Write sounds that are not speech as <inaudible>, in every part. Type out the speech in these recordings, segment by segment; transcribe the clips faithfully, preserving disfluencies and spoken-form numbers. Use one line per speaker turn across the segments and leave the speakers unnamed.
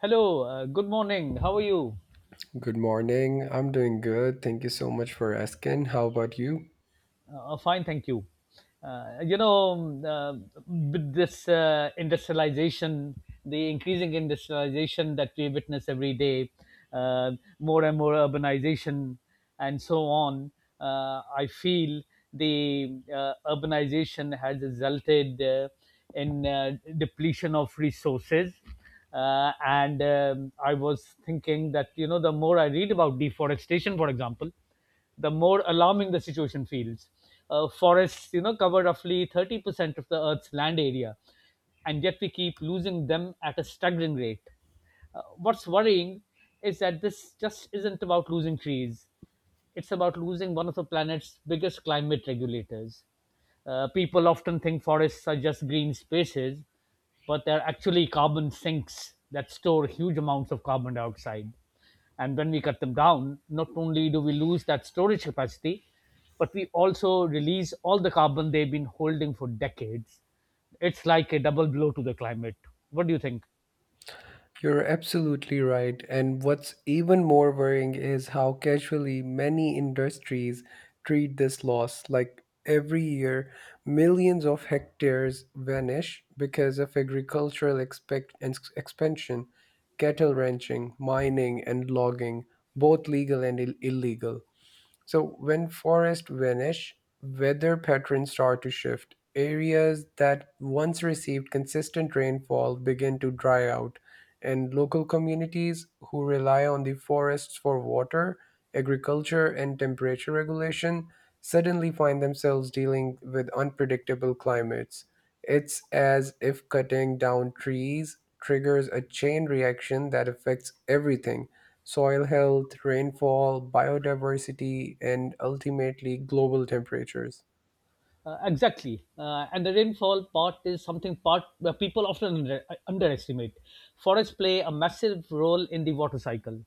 Hello, uh, good morning. How are you?
Good morning. I'm doing good. Thank you so much for asking. How about you?
Uh, fine, thank you. Uh, you know, um, uh, with this uh, industrialization, the increasing industrialization that we witness every day, uh, more and more urbanization, and so on, uh, I feel the uh, urbanization has resulted uh, in uh, depletion of resources. Uh, and um, I was thinking that, you know, the more I read about deforestation, for example, the more alarming the situation feels. Uh, forests, you know, cover roughly thirty percent of the Earth's land area, and yet we keep losing them at a staggering rate. Uh, what's worrying is that this just isn't about losing trees. It's about losing one of the planet's biggest climate regulators. Uh, people often think forests are just green spaces, but they're actually carbon sinks that store huge amounts of carbon dioxide. And when we cut them down, not only do we lose that storage capacity, but we also release all the carbon they've been holding for decades. It's like a double blow to the climate. What do you think?
You're absolutely right. And what's even more worrying is how casually many industries treat this loss. Like every year, millions of hectares vanish because of agricultural expect- ex- expansion, cattle ranching, mining, and logging, both legal and Ill- illegal. So when forests vanish, weather patterns start to shift. Areas that once received consistent rainfall begin to dry out, and local communities who rely on the forests for water, agriculture, and temperature regulation suddenly find themselves dealing with unpredictable climates. It's as if cutting down trees triggers a chain reaction that affects everything soil health, rainfall, biodiversity, and ultimately global temperatures.
Uh, exactly, uh, and the rainfall part is something part where people often under, underestimate. Forests play a massive role in the water cycle.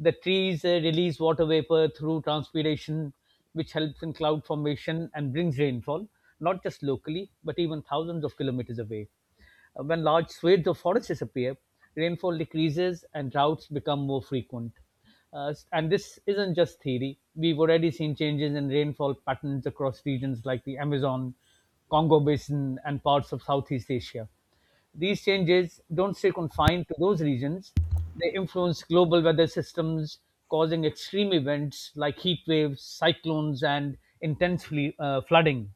The trees uh, release water vapor through transpiration, which helps in cloud formation and brings rainfall, not just locally but even thousands of kilometers away. Uh, when large swathes of forest disappear, rainfall decreases and droughts become more frequent. Uh, and this isn't just theory. We've already seen changes in rainfall patterns across regions like the Amazon, Congo Basin, and parts of Southeast Asia. These changes don't stay confined to those regions, they influence global weather systems, causing extreme events like heat waves, cyclones, and intense fle- uh, flooding.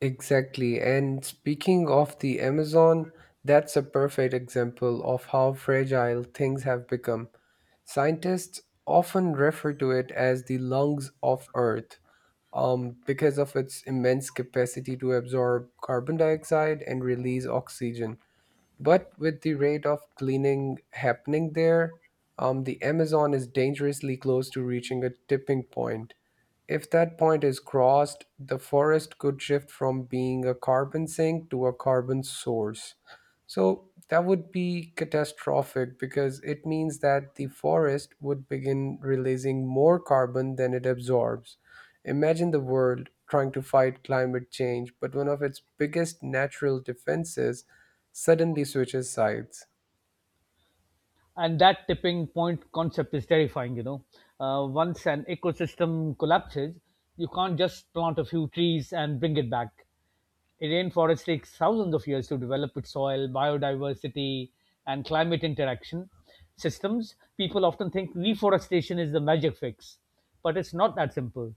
Exactly. And speaking of the Amazon, that's a perfect example of how fragile things have become. Scientists often refer to it as the lungs of Earth um, because of its immense capacity to absorb carbon dioxide and release oxygen. But with the rate of cleaning happening there, um, the Amazon is dangerously close to reaching a tipping point. If that point is crossed, the forest could shift from being a carbon sink to a carbon source. So that would be catastrophic because it means that the forest would begin releasing more carbon than it absorbs. Imagine the world trying to fight climate change, but one of its biggest natural defenses suddenly switches sides.
And that tipping point concept is terrifying, you know uh, once an ecosystem collapses, you can't just plant a few trees and bring it back. It Rainforest takes thousands of years to develop its soil, biodiversity, and climate interaction systems. People often think reforestation is the magic fix, but it's not that simple.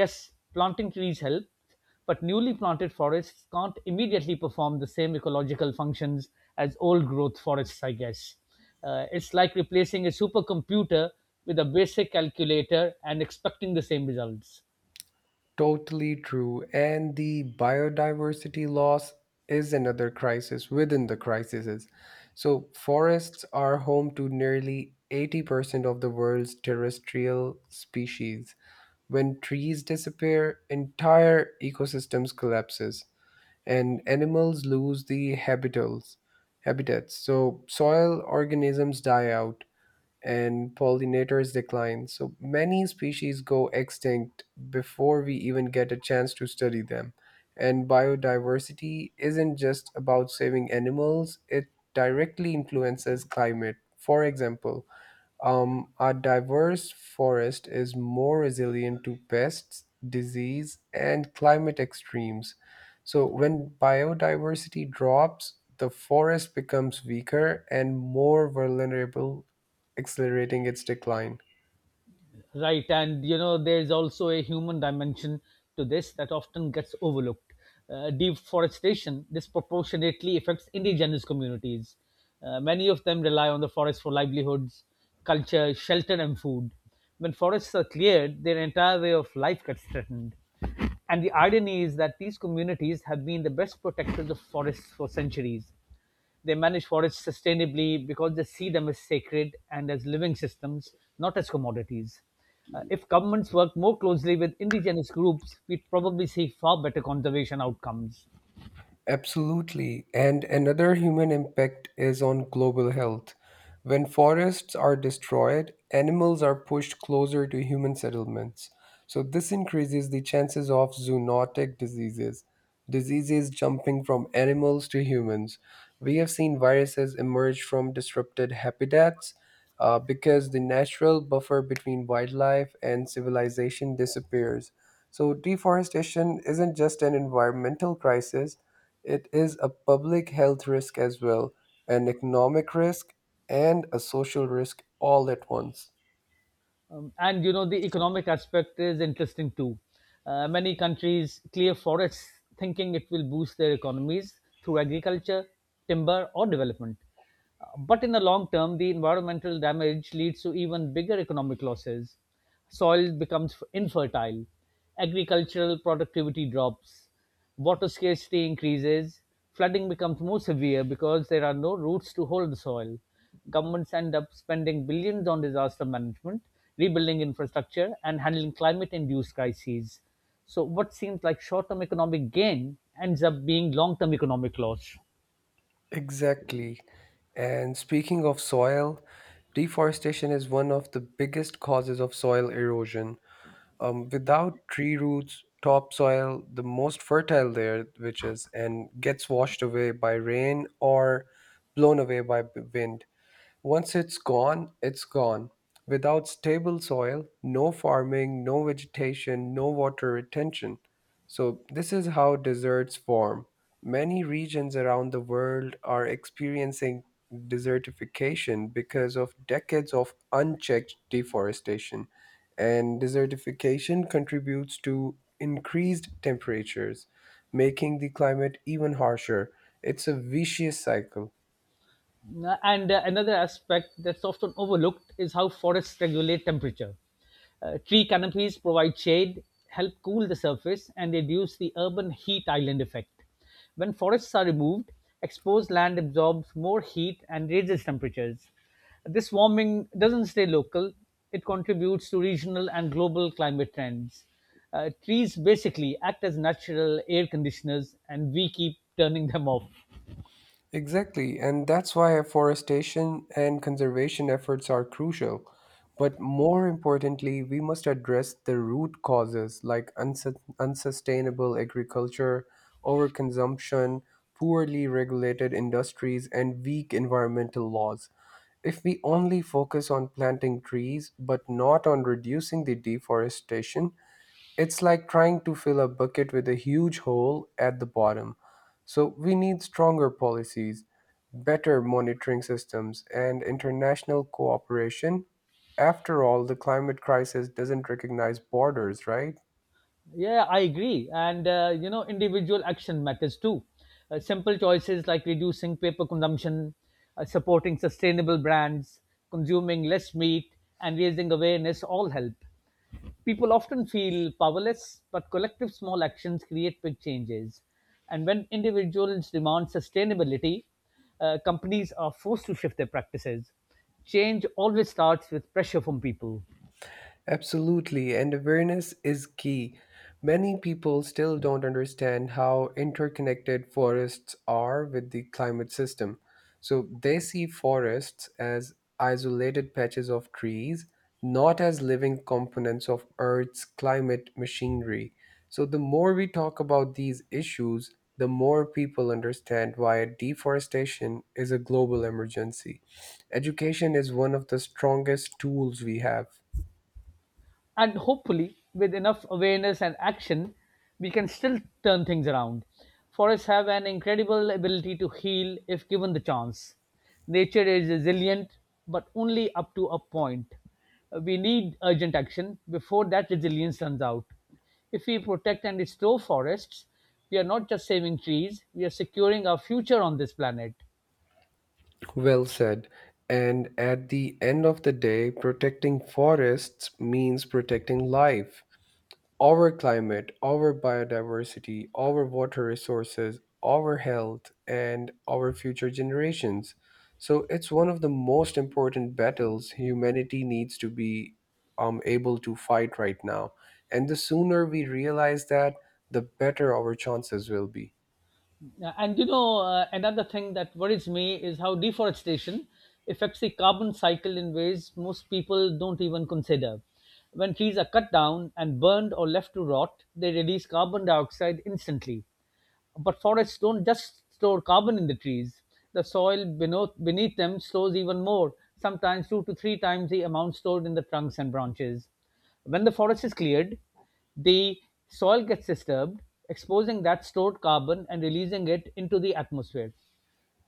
Yes, planting trees help, but newly planted forests can't immediately perform the same ecological functions as old growth forests, I guess. Uh, it's like replacing a supercomputer with a basic calculator and expecting the same results.
Totally true. And the biodiversity loss is another crisis within the crises. So, forests are home to nearly eighty percent of the world's terrestrial species. When trees disappear, entire ecosystems collapses and animals lose the habitats. Habitats. So soil organisms die out and pollinators decline. So many species go extinct before we even get a chance to study them. And biodiversity isn't just about saving animals, it directly influences climate. For example, um, a diverse forest is more resilient to pests, disease, and climate extremes. So, when biodiversity drops, the forest becomes weaker and more vulnerable, accelerating its decline.
Right, and you know, there's also a human dimension to this that often gets overlooked. Uh, deforestation disproportionately affects indigenous communities. Uh, many of them rely on the forest for livelihoods, culture, shelter, and food. When forests are cleared, their entire way of life gets threatened. And the irony is that these communities have been the best protectors of forests for centuries. They manage forests sustainably because they see them as sacred and as living systems, not as commodities. Uh, if governments work more closely with indigenous groups, we'd probably see far better conservation outcomes.
Absolutely. And another human impact is on global health. When forests are destroyed, animals are pushed closer to human settlements. So, this increases the chances of zoonotic diseases, diseases jumping from animals to humans. We have seen viruses emerge from disrupted habitats uh, because the natural buffer between wildlife and civilization disappears. So, deforestation isn't just an environmental crisis, it is a public health risk as well, an economic risk, and a social risk all at once.
Um, and you know, the economic aspect is interesting too. Uh, many countries clear forests thinking it will boost their economies through agriculture, timber, or development. Uh, But in the long term, the environmental damage leads to even bigger economic losses. Soil becomes f- infertile, agricultural productivity drops, water scarcity increases, flooding becomes more severe because there are no roots to hold the soil. Governments end up spending billions on disaster management, rebuilding infrastructure, and handling climate induced crises. So, what seems like short term economic gain ends up being long term economic loss.
Exactly. And speaking of soil, deforestation is one of the biggest causes of soil erosion. Um, without tree roots, topsoil, the most fertile layer, which is, and gets washed away by rain or blown away by b- wind. Once it's gone, it's gone. Without stable soil, no farming, no vegetation, no water retention. So, this is how deserts form. Many regions around the world are experiencing desertification because of decades of unchecked deforestation. And desertification contributes to increased temperatures, making the climate even harsher. It's a vicious cycle.
And uh, another aspect that's often overlooked is how forests regulate temperature. Uh, tree canopies provide shade, help cool the surface, and reduce the urban heat island effect. When forests are removed, exposed land absorbs more heat and raises temperatures. This warming doesn't stay local, it contributes to regional and global climate trends. Uh, trees basically act as natural air conditioners, and we keep turning them off.
Exactly, and that's why afforestation and conservation efforts are crucial. But more importantly, we must address the root causes like unsus- unsustainable agriculture, overconsumption, poorly regulated industries, and weak environmental laws. If we only focus on planting trees but not on reducing the deforestation, it's like trying to fill a bucket with a huge hole at the bottom. So, we need stronger policies, better monitoring systems, and international cooperation. After all, the climate crisis doesn't recognize borders, right?
Yeah, I agree. And, uh, you know, individual action matters too. Uh, simple choices like reducing paper consumption, uh, supporting sustainable brands, consuming less meat, and raising awareness all help. People often feel powerless, but collective small actions create big changes. And when individuals demand sustainability, uh, companies are forced to shift their practices. Change always starts with pressure from people.
Absolutely, and awareness is key. Many people still don't understand how interconnected forests are with the climate system. So they see forests as isolated patches of trees, not as living components of Earth's climate machinery. So the more we talk about these issues, the more people understand why deforestation is a global emergency. Education is one of the strongest tools we have.
And hopefully, with enough awareness and action, we can still turn things around. Forests have an incredible ability to heal if given the chance. Nature is resilient, but only up to a point. We need urgent action before that resilience runs out. If we protect and restore forests, we are not just saving trees, we are securing our future on this planet.
Well said. And at the end of the day, protecting forests means protecting life, our climate, our biodiversity, our water resources, our health, and our future generations. So it's one of the most important battles humanity needs to be um, able to fight right now. And the sooner we realize that, the better our chances will be.
Yeah, and you know, uh, another thing that worries me is how deforestation affects the carbon cycle in ways most people don't even consider. When trees are cut down and burned or left to rot, they release carbon dioxide instantly, but forests don't just store carbon in the trees. The soil beneath, beneath them stores even more, sometimes two to three times the amount stored in the trunks and branches. When the forest is cleared, the soil gets disturbed, exposing that stored carbon and releasing it into the atmosphere.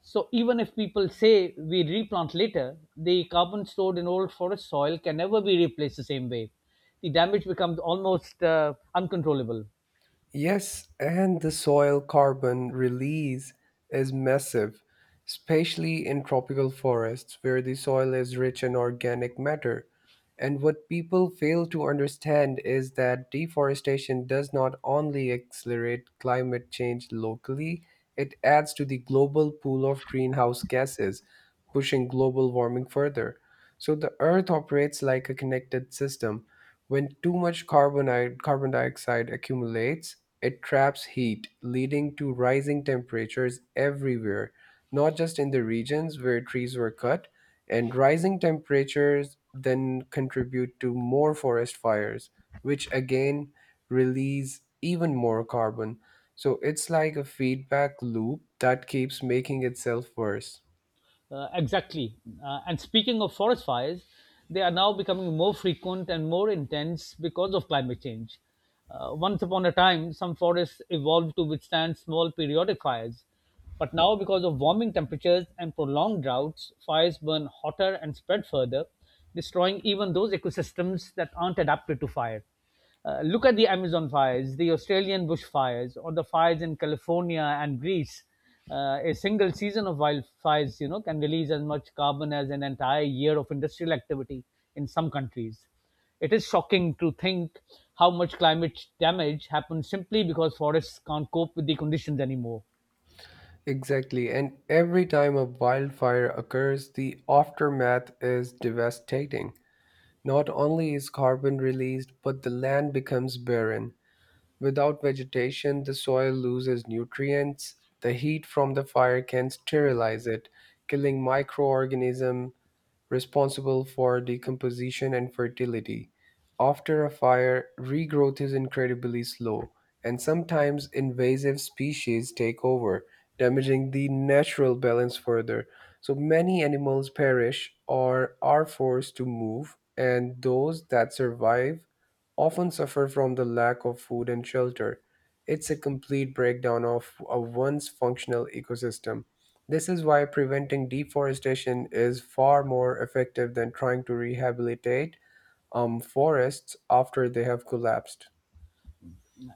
So, even if people say we replant later, the carbon stored in old forest soil can never be replaced the same way. The damage becomes almost uh, uncontrollable.
Yes, and the soil carbon release is massive, especially in tropical forests where the soil is rich in organic matter. And what people fail to understand is that deforestation does not only accelerate climate change locally, it adds to the global pool of greenhouse gases, pushing global warming further. So the Earth operates like a connected system when too much carbon, carbon dioxide accumulates, it traps heat, leading to rising temperatures everywhere, not just in the regions where trees were cut. And rising temperatures then contribute to more forest fires, which again release even more carbon. So it's like a feedback loop that keeps making itself worse.
Uh, exactly. Uh, and speaking of forest fires, they are now becoming more frequent and more intense because of climate change. Uh, once upon a time, some forests evolved to withstand small periodic fires. But now, because of warming temperatures and prolonged droughts, fires burn hotter and spread further, destroying even those ecosystems that aren't adapted to fire. Uh, look at the Amazon fires, the Australian bushfires, or the fires in California and Greece. Uh, a single season of wildfires, you know, can release as much carbon as an entire year of industrial activity in some countries. It is shocking to think how much climate damage happens simply because forests can't cope with the conditions anymore.
Exactly, and every time a wildfire occurs, the aftermath is devastating. Not only is carbon released, but the land becomes barren. Without vegetation, the soil loses nutrients. The heat from the fire can sterilize it, killing microorganisms responsible for decomposition and fertility. After a fire, regrowth is incredibly slow, and sometimes invasive species take over, damaging the natural balance further. So many animals perish or are forced to move, and those that survive often suffer from the lack of food and shelter. It's a complete breakdown of a once functional ecosystem. This is why preventing deforestation is far more effective than trying to rehabilitate um, forests after they have collapsed.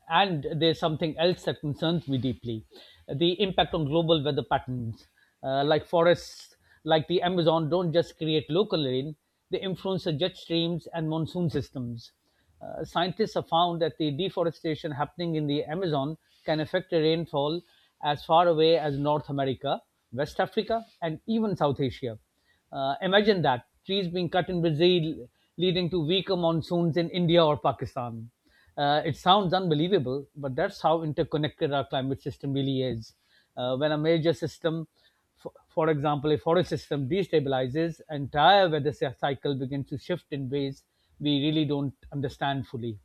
And there's something else that concerns me deeply, the impact on global weather patterns. Uh, like forests, like the Amazon, don't just create local rain, they influence the jet streams and monsoon systems. Uh, scientists have found that the deforestation happening in the Amazon can affect the rainfall as far away as North America, West Africa, and even South Asia. Uh, imagine that, trees being cut in Brazil, leading to weaker monsoons in India or Pakistan. Uh, it sounds unbelievable, but that's how interconnected our climate system really is. Uh, when a major system, for, for example, a forest system, destabilizes, entire weather cy- cycle begins to shift in ways we really don't understand fully.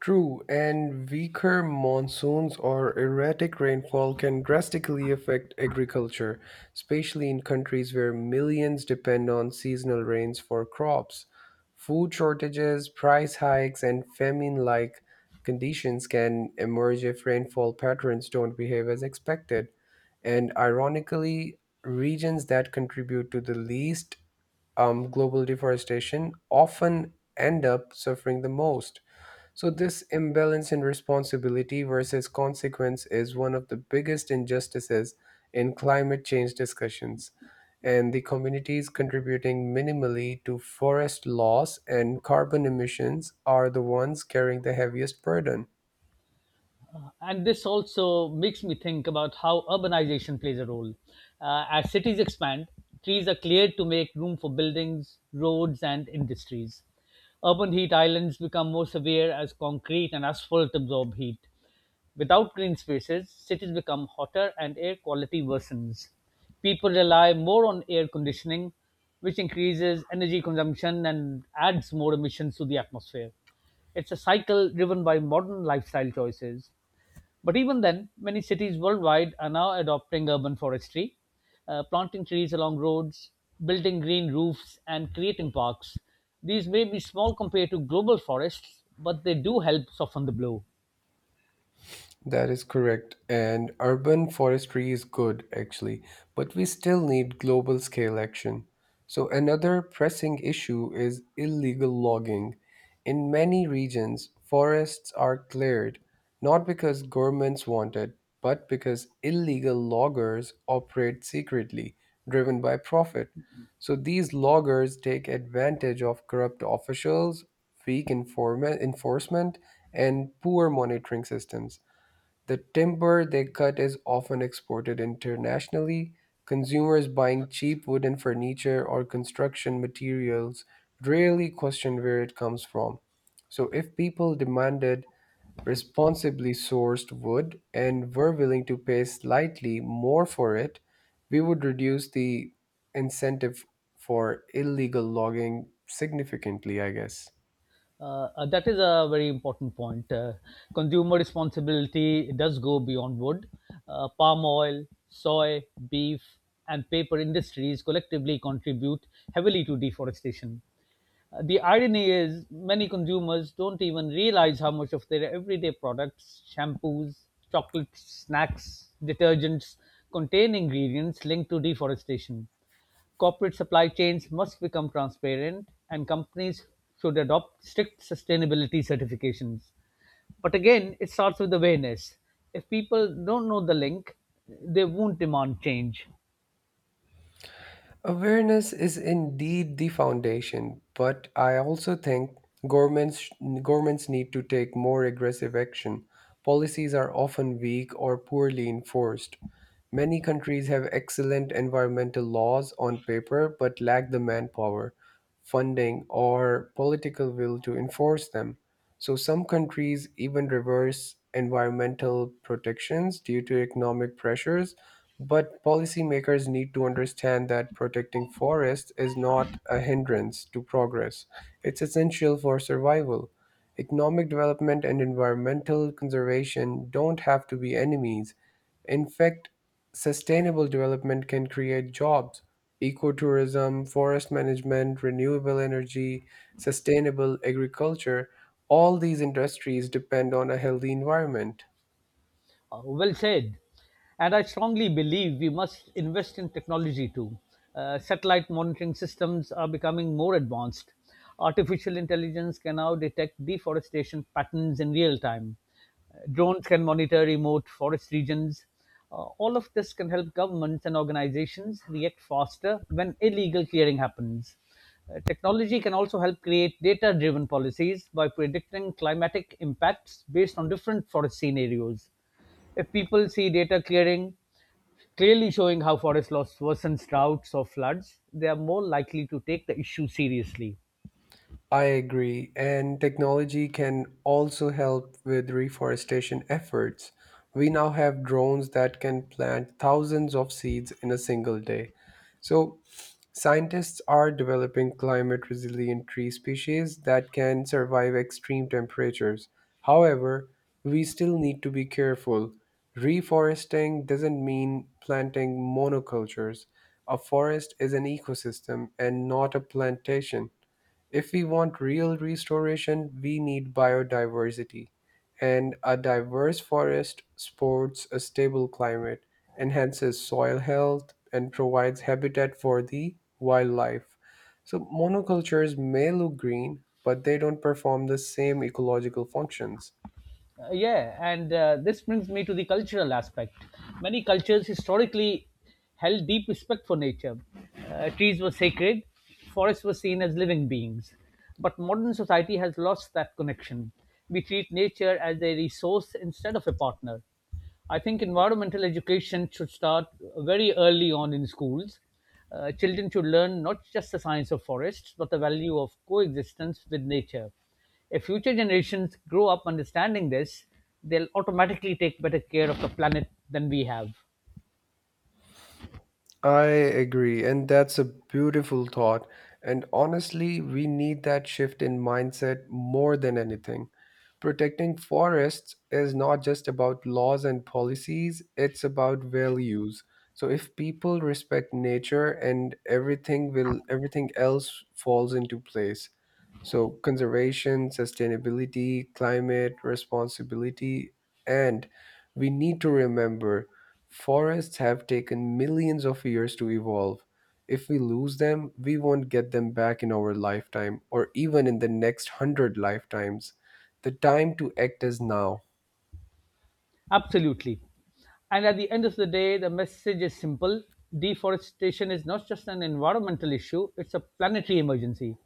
True, and weaker monsoons or erratic rainfall can drastically affect agriculture, especially in countries where millions depend on seasonal rains for crops. Food shortages, price hikes, and famine like conditions can emerge if rainfall patterns don't behave as expected. And ironically, regions that contribute to the least um, global deforestation often end up suffering the most. So, this imbalance in responsibility versus consequence is one of the biggest injustices in climate change discussions. And the communities contributing minimally to forest loss and carbon emissions are the ones carrying the heaviest burden.
And this also makes me think about how urbanization plays a role. Uh, as cities expand, trees are cleared to make room for buildings, roads, and industries. Urban heat islands become more severe as concrete and asphalt absorb heat. Without green spaces, cities become hotter and air quality worsens. People rely more on air conditioning, which increases energy consumption and adds more emissions to the atmosphere. It's a cycle driven by modern lifestyle choices. But even then, many cities worldwide are now adopting urban forestry, uh, planting trees along roads, building green roofs, and creating parks. These may be small compared to global forests, but they do help soften the blow.
That is correct. And urban forestry is good, actually, but we still need global scale action. So, another pressing issue is illegal logging. In many regions, forests are cleared not because governments want it, but because illegal loggers operate secretly, driven by profit. So, these loggers take advantage of corrupt officials, weak informa- enforcement, and poor monitoring systems. The timber they cut is often exported internationally, consumers buying cheap wooden furniture or construction materials rarely question where it comes from. So, if people demanded responsibly sourced wood and were willing to pay slightly more for it, we would reduce the incentive for illegal logging significantly, I guess.
Uh, uh, that is a very important point. Uh, consumer responsibility does go beyond wood. Uh, palm oil, soy, beef, and paper industries collectively contribute heavily to deforestation. Uh, the irony is many consumers don't even realize how much of their everyday products, shampoos, chocolates, snacks, detergents, contain ingredients linked to deforestation. Corporate supply chains must become transparent, and companies should adopt strict sustainability certifications. But again, it starts with awareness. If people don't know the link, they won't demand change.
Awareness is indeed the foundation, but I also think governments governments need to take more aggressive action. Policies are often weak or poorly enforced. Many countries have excellent environmental laws on paper but lack the manpower, funding, or political will to enforce them. So some countries even reverse environmental protections due to economic pressures, but policymakers need to understand that protecting forests is not a hindrance to progress. It's essential for survival. Economic development and environmental conservation don't have to be enemies. In fact, sustainable development can create jobs, ecotourism, forest management, renewable energy, sustainable agriculture, all these industries depend on a healthy environment.
Uh, well said. And I strongly believe we must invest in technology too. Uh, satellite monitoring systems are becoming more advanced. Artificial intelligence can now detect deforestation patterns in real time. Uh, drones can monitor remote forest regions. Uh, all of this can help governments and organizations react faster when illegal clearing happens. Uh, technology can also help create data driven policies by predicting climatic impacts based on different forest scenarios. If people see data clearing clearly showing how forest loss worsens droughts or floods, they are more likely to take the issue seriously.
I agree, and technology can also help with reforestation efforts. We now have drones that can plant thousands of seeds in a single day. So, scientists are developing climate resilient tree species that can survive extreme temperatures. However, we still need to be careful. Reforesting doesn't mean planting monocultures. A forest is an ecosystem and not a plantation. If we want real restoration, we need biodiversity and a diverse forest supports a stable climate, enhances soil health, and provides habitat for the wildlife. So, monocultures may look green, but they don't perform the same ecological functions.
Uh, yeah, and uh, this brings me to the cultural aspect. Many cultures historically held deep respect for nature. Uh, trees were sacred, forests were seen as living beings. But modern society has lost that connection. We treat nature as a resource instead of a partner. I think environmental education should start very early on in schools. Uh, children should learn not just the science of forests, but the value of coexistence with nature. If future generations grow up understanding this, they'll automatically take better care of the planet than we have.
I agree, and that's a beautiful thought. And honestly, we need that shift in mindset more than anything. Protecting forests is not just about laws and policies, it's about values. So if people respect nature and everything will everything else falls into place. So conservation, sustainability, climate responsibility, and we need to remember forests have taken millions of years to evolve. If we lose them, we won't get them back in our lifetime or even in the next hundred lifetimes. The time to act is now.
Absolutely. And at the end of the day, the message is simple deforestation is not just an environmental issue, it's a planetary emergency.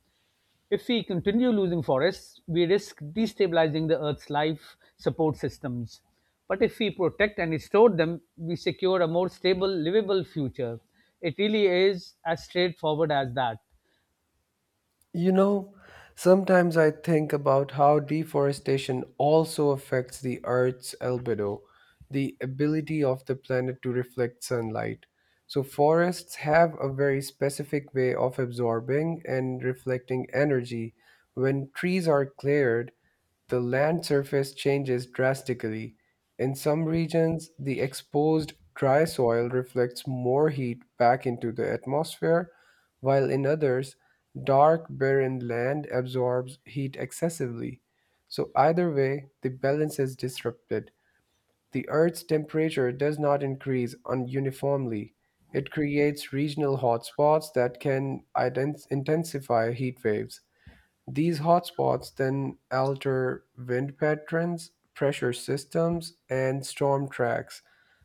If we continue losing forests, we risk destabilizing the Earth's life support systems. But if we protect and restore them, we secure a more stable, livable future. It really is as straightforward as that.
You know, sometimes I think about how deforestation also affects the Earth's albedo, the ability of the planet to reflect sunlight. So, forests have a very specific way of absorbing and reflecting energy. When trees are cleared, the land surface changes drastically. In some regions, the exposed dry soil reflects more heat back into the atmosphere, while in others, dark, barren land absorbs heat excessively. So, either way, the balance is disrupted. The Earth's temperature does not increase un- uniformly. It creates regional hotspots that can ident- intensify heat waves. These hotspots then alter wind patterns, pressure systems, and storm tracks.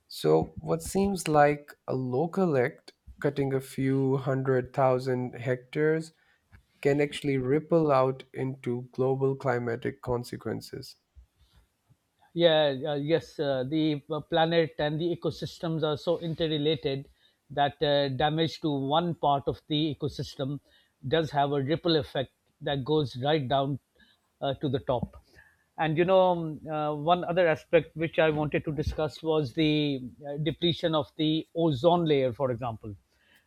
So, what seems like a local act, cutting a few hundred thousand hectares, can actually ripple out into global climatic consequences.
Yeah, uh, yes, uh, the uh, planet and the ecosystems are so interrelated that uh, damage to one part of the ecosystem does have a ripple effect that goes right down uh, to the top. And you know, um, uh, one other aspect which I wanted to discuss was the uh, depletion of the ozone layer, for example.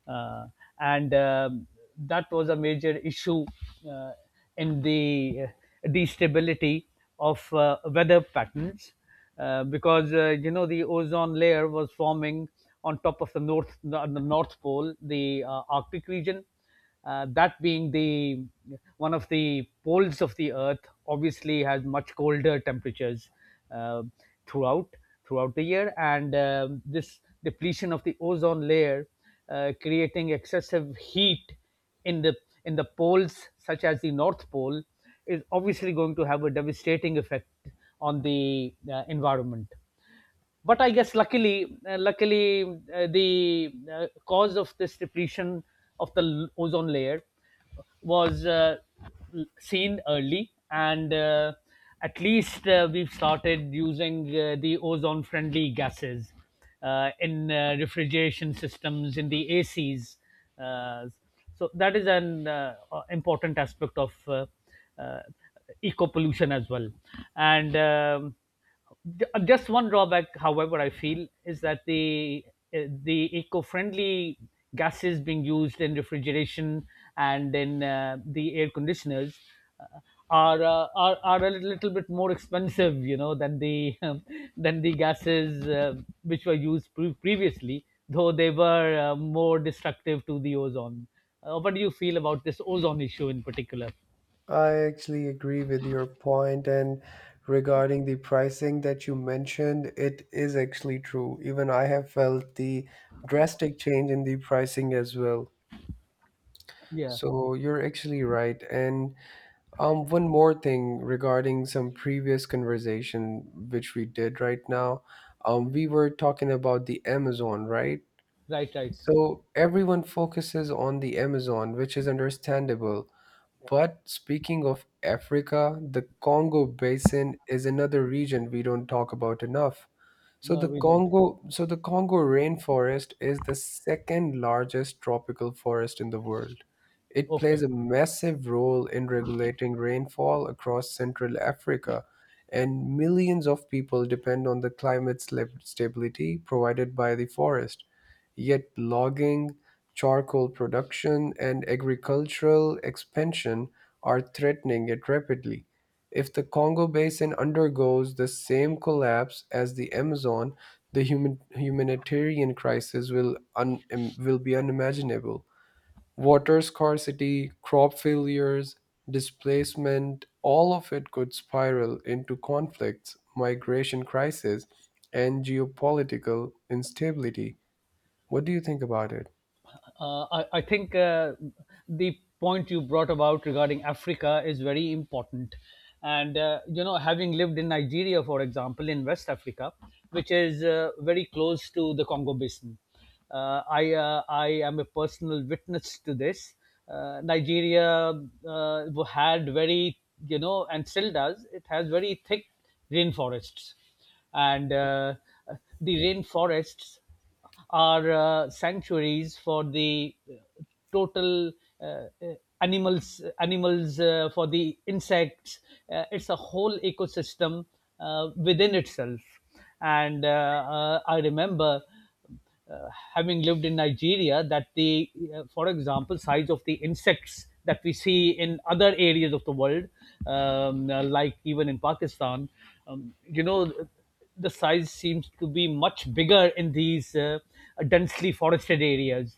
Uh, and um That was a major issue uh, in the uh, destability of uh, weather patterns, uh, because uh, you know the ozone layer was forming on top of the north the, the north pole, the uh, arctic region, uh, that being the one of the poles of the earth, obviously has much colder temperatures uh, throughout throughout the year. And um, This depletion of the ozone layer uh, creating excessive heat in the in the poles such as the north pole is obviously going to have a devastating effect on the uh, environment. But I guess luckily, uh, luckily, uh, the uh, cause of this depletion of the l- ozone layer was uh, l- seen early, and uh, at least uh, we've started using uh, the ozone-friendly gases uh, in uh, refrigeration systems, in the A Cs. Uh, so that is an uh, uh, important aspect of uh, uh, eco pollution as well, and. Um, Ju- Just one drawback, however, I feel is that the uh, the eco-friendly gases being used in refrigeration and in uh, the air conditioners uh, are, uh, are are a little bit more expensive, you know, than the <laughs> than the gases uh, which were used pre- previously, though they were uh, more destructive to the ozone. Uh, what do you feel about this ozone issue in particular?
I actually agree with your point, and regarding the pricing that you mentioned, it is actually true. Even I have felt the drastic change in the pricing as well.
Yeah,
So you're actually right. And um, one more thing regarding some previous conversation which we did right now, um, we were talking about the Amazon, right?
right, right.
So everyone focuses on the Amazon, which is understandable. But speaking of Africa, the Congo Basin is another region we don't talk about enough. So
No,
the
we don't.
Congo, so the Congo rainforest is the second largest tropical forest in the world. It
Okay.
plays a massive role in regulating rainfall across Central Africa, and millions of people depend on the climate slab- stability provided by the forest. Yet logging, charcoal production, and agricultural expansion are threatening it rapidly. If the Congo Basin undergoes the same collapse as the Amazon, the human, humanitarian crisis will, un, im- will be unimaginable. Water scarcity, crop failures, displacement, all of it could spiral into conflicts, migration crisis, and geopolitical instability. What do you think about it?
Uh, I, I think uh, the point you brought about regarding Africa is very important. And, uh, you know, having lived in Nigeria, for example, in West Africa, which is uh, very close to the Congo Basin, uh, I, uh, I am a personal witness to this. Uh, Nigeria uh, had very, you know, and still does, it has very thick rainforests, and uh, the rainforests are uh, sanctuaries for the uh, total uh, uh, animals animals uh, for the insects. Uh, it's a whole ecosystem uh, within itself, and uh, uh, I remember uh, having lived in Nigeria, that the, uh, for example, size of the insects that we see in other areas of the world, um, uh, like even in Pakistan, um, you know, the size seems to be much bigger in these uh, densely forested areas,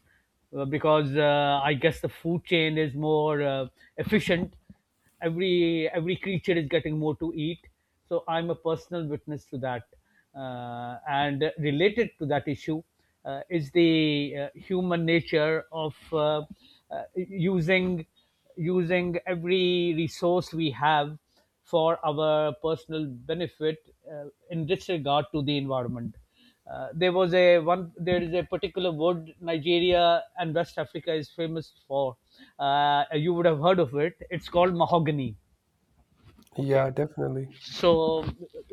uh, because uh, I guess the food chain is more uh, efficient. Every every creature is getting more to eat. So I'm a personal witness to that. Uh, and related to that issue uh, is the uh, human nature of uh, uh, using using every resource we have for our personal benefit, uh, in disregard to the environment. Uh, there was a one. There is a particular wood Nigeria and West Africa is famous for. Uh, you would have heard of it. It's called mahogany. Okay,
Yeah, definitely.
so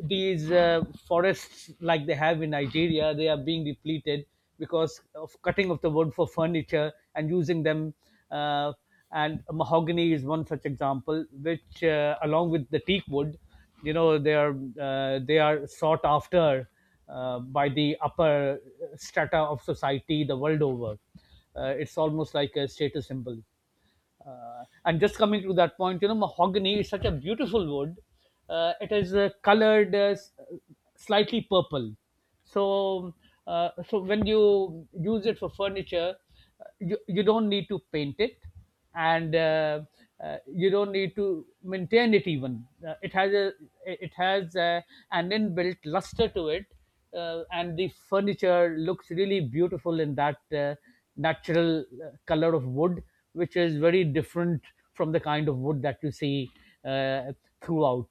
these uh, forests like they have in Nigeria, they are being depleted because of cutting of the wood for furniture and using them, uh, and mahogany is one such example, which uh, along with the teak wood, you know, they are uh, they are sought after uh, by the upper strata of society the world over. Uh, it's almost like a status symbol. Uh, and just coming to that point, you know, mahogany is such a beautiful wood. Uh, it is uh, colored uh, s- slightly purple. So, uh, so when you use it for furniture, uh, you, you don't need to paint it, and uh, uh, you don't need to maintain it even. Uh, it has a it has uh an inbuilt luster to it, uh, and the furniture looks really beautiful in that uh, natural uh, color of wood, which is very different from the kind of wood that you see uh, throughout.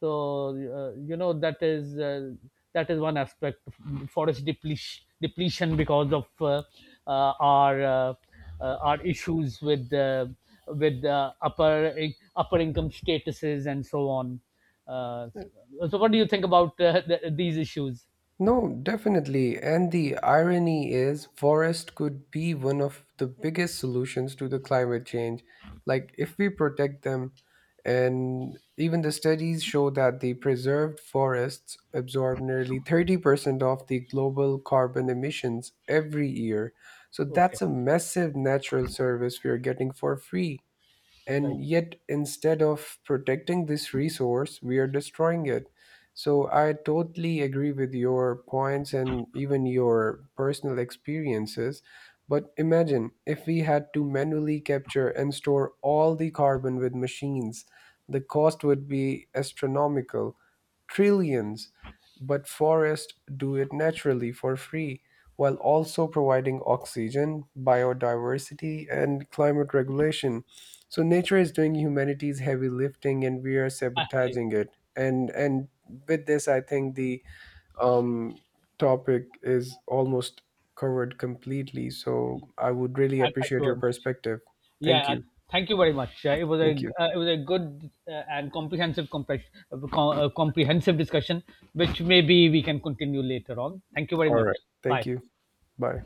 So uh, you know, that is uh, that is one aspect of forest depletion, depletion because of uh, uh, our uh, uh, our issues with uh, with uh, upper upper income statuses and so on. Uh, so, so what do you think about uh, th- these issues?
No, definitely. And the irony is, forest could be one of the biggest solutions to the climate change. Like, if we protect them, and even the studies show that the preserved forests absorb nearly thirty percent of the global carbon emissions every year. So,
Okay,
that's a massive natural service we are getting for free,
right.
and yet instead of protecting this resource we are destroying it. So I totally agree with your points and even your personal experiences, but imagine if we had to manually capture and store all the carbon with machines, the cost would be astronomical, trillions. But forests do it naturally for free, while also providing oxygen, biodiversity, and climate regulation. So nature is doing humanity's heavy lifting, and we are
Uh, uh,
sabotaging it. And and with this, I think the um, topic is almost covered completely. So I would really
Thank
appreciate
you
your
very much.
perspective. Thank
Yeah, uh,
you.
thank you very much. Uh, it was a
Thank you.
uh, it was a good uh, and comprehensive compre- uh, com- uh, comprehensive discussion, which maybe we can continue later on. Thank you very
All
much.
right. Thank
Bye.
you. Bye.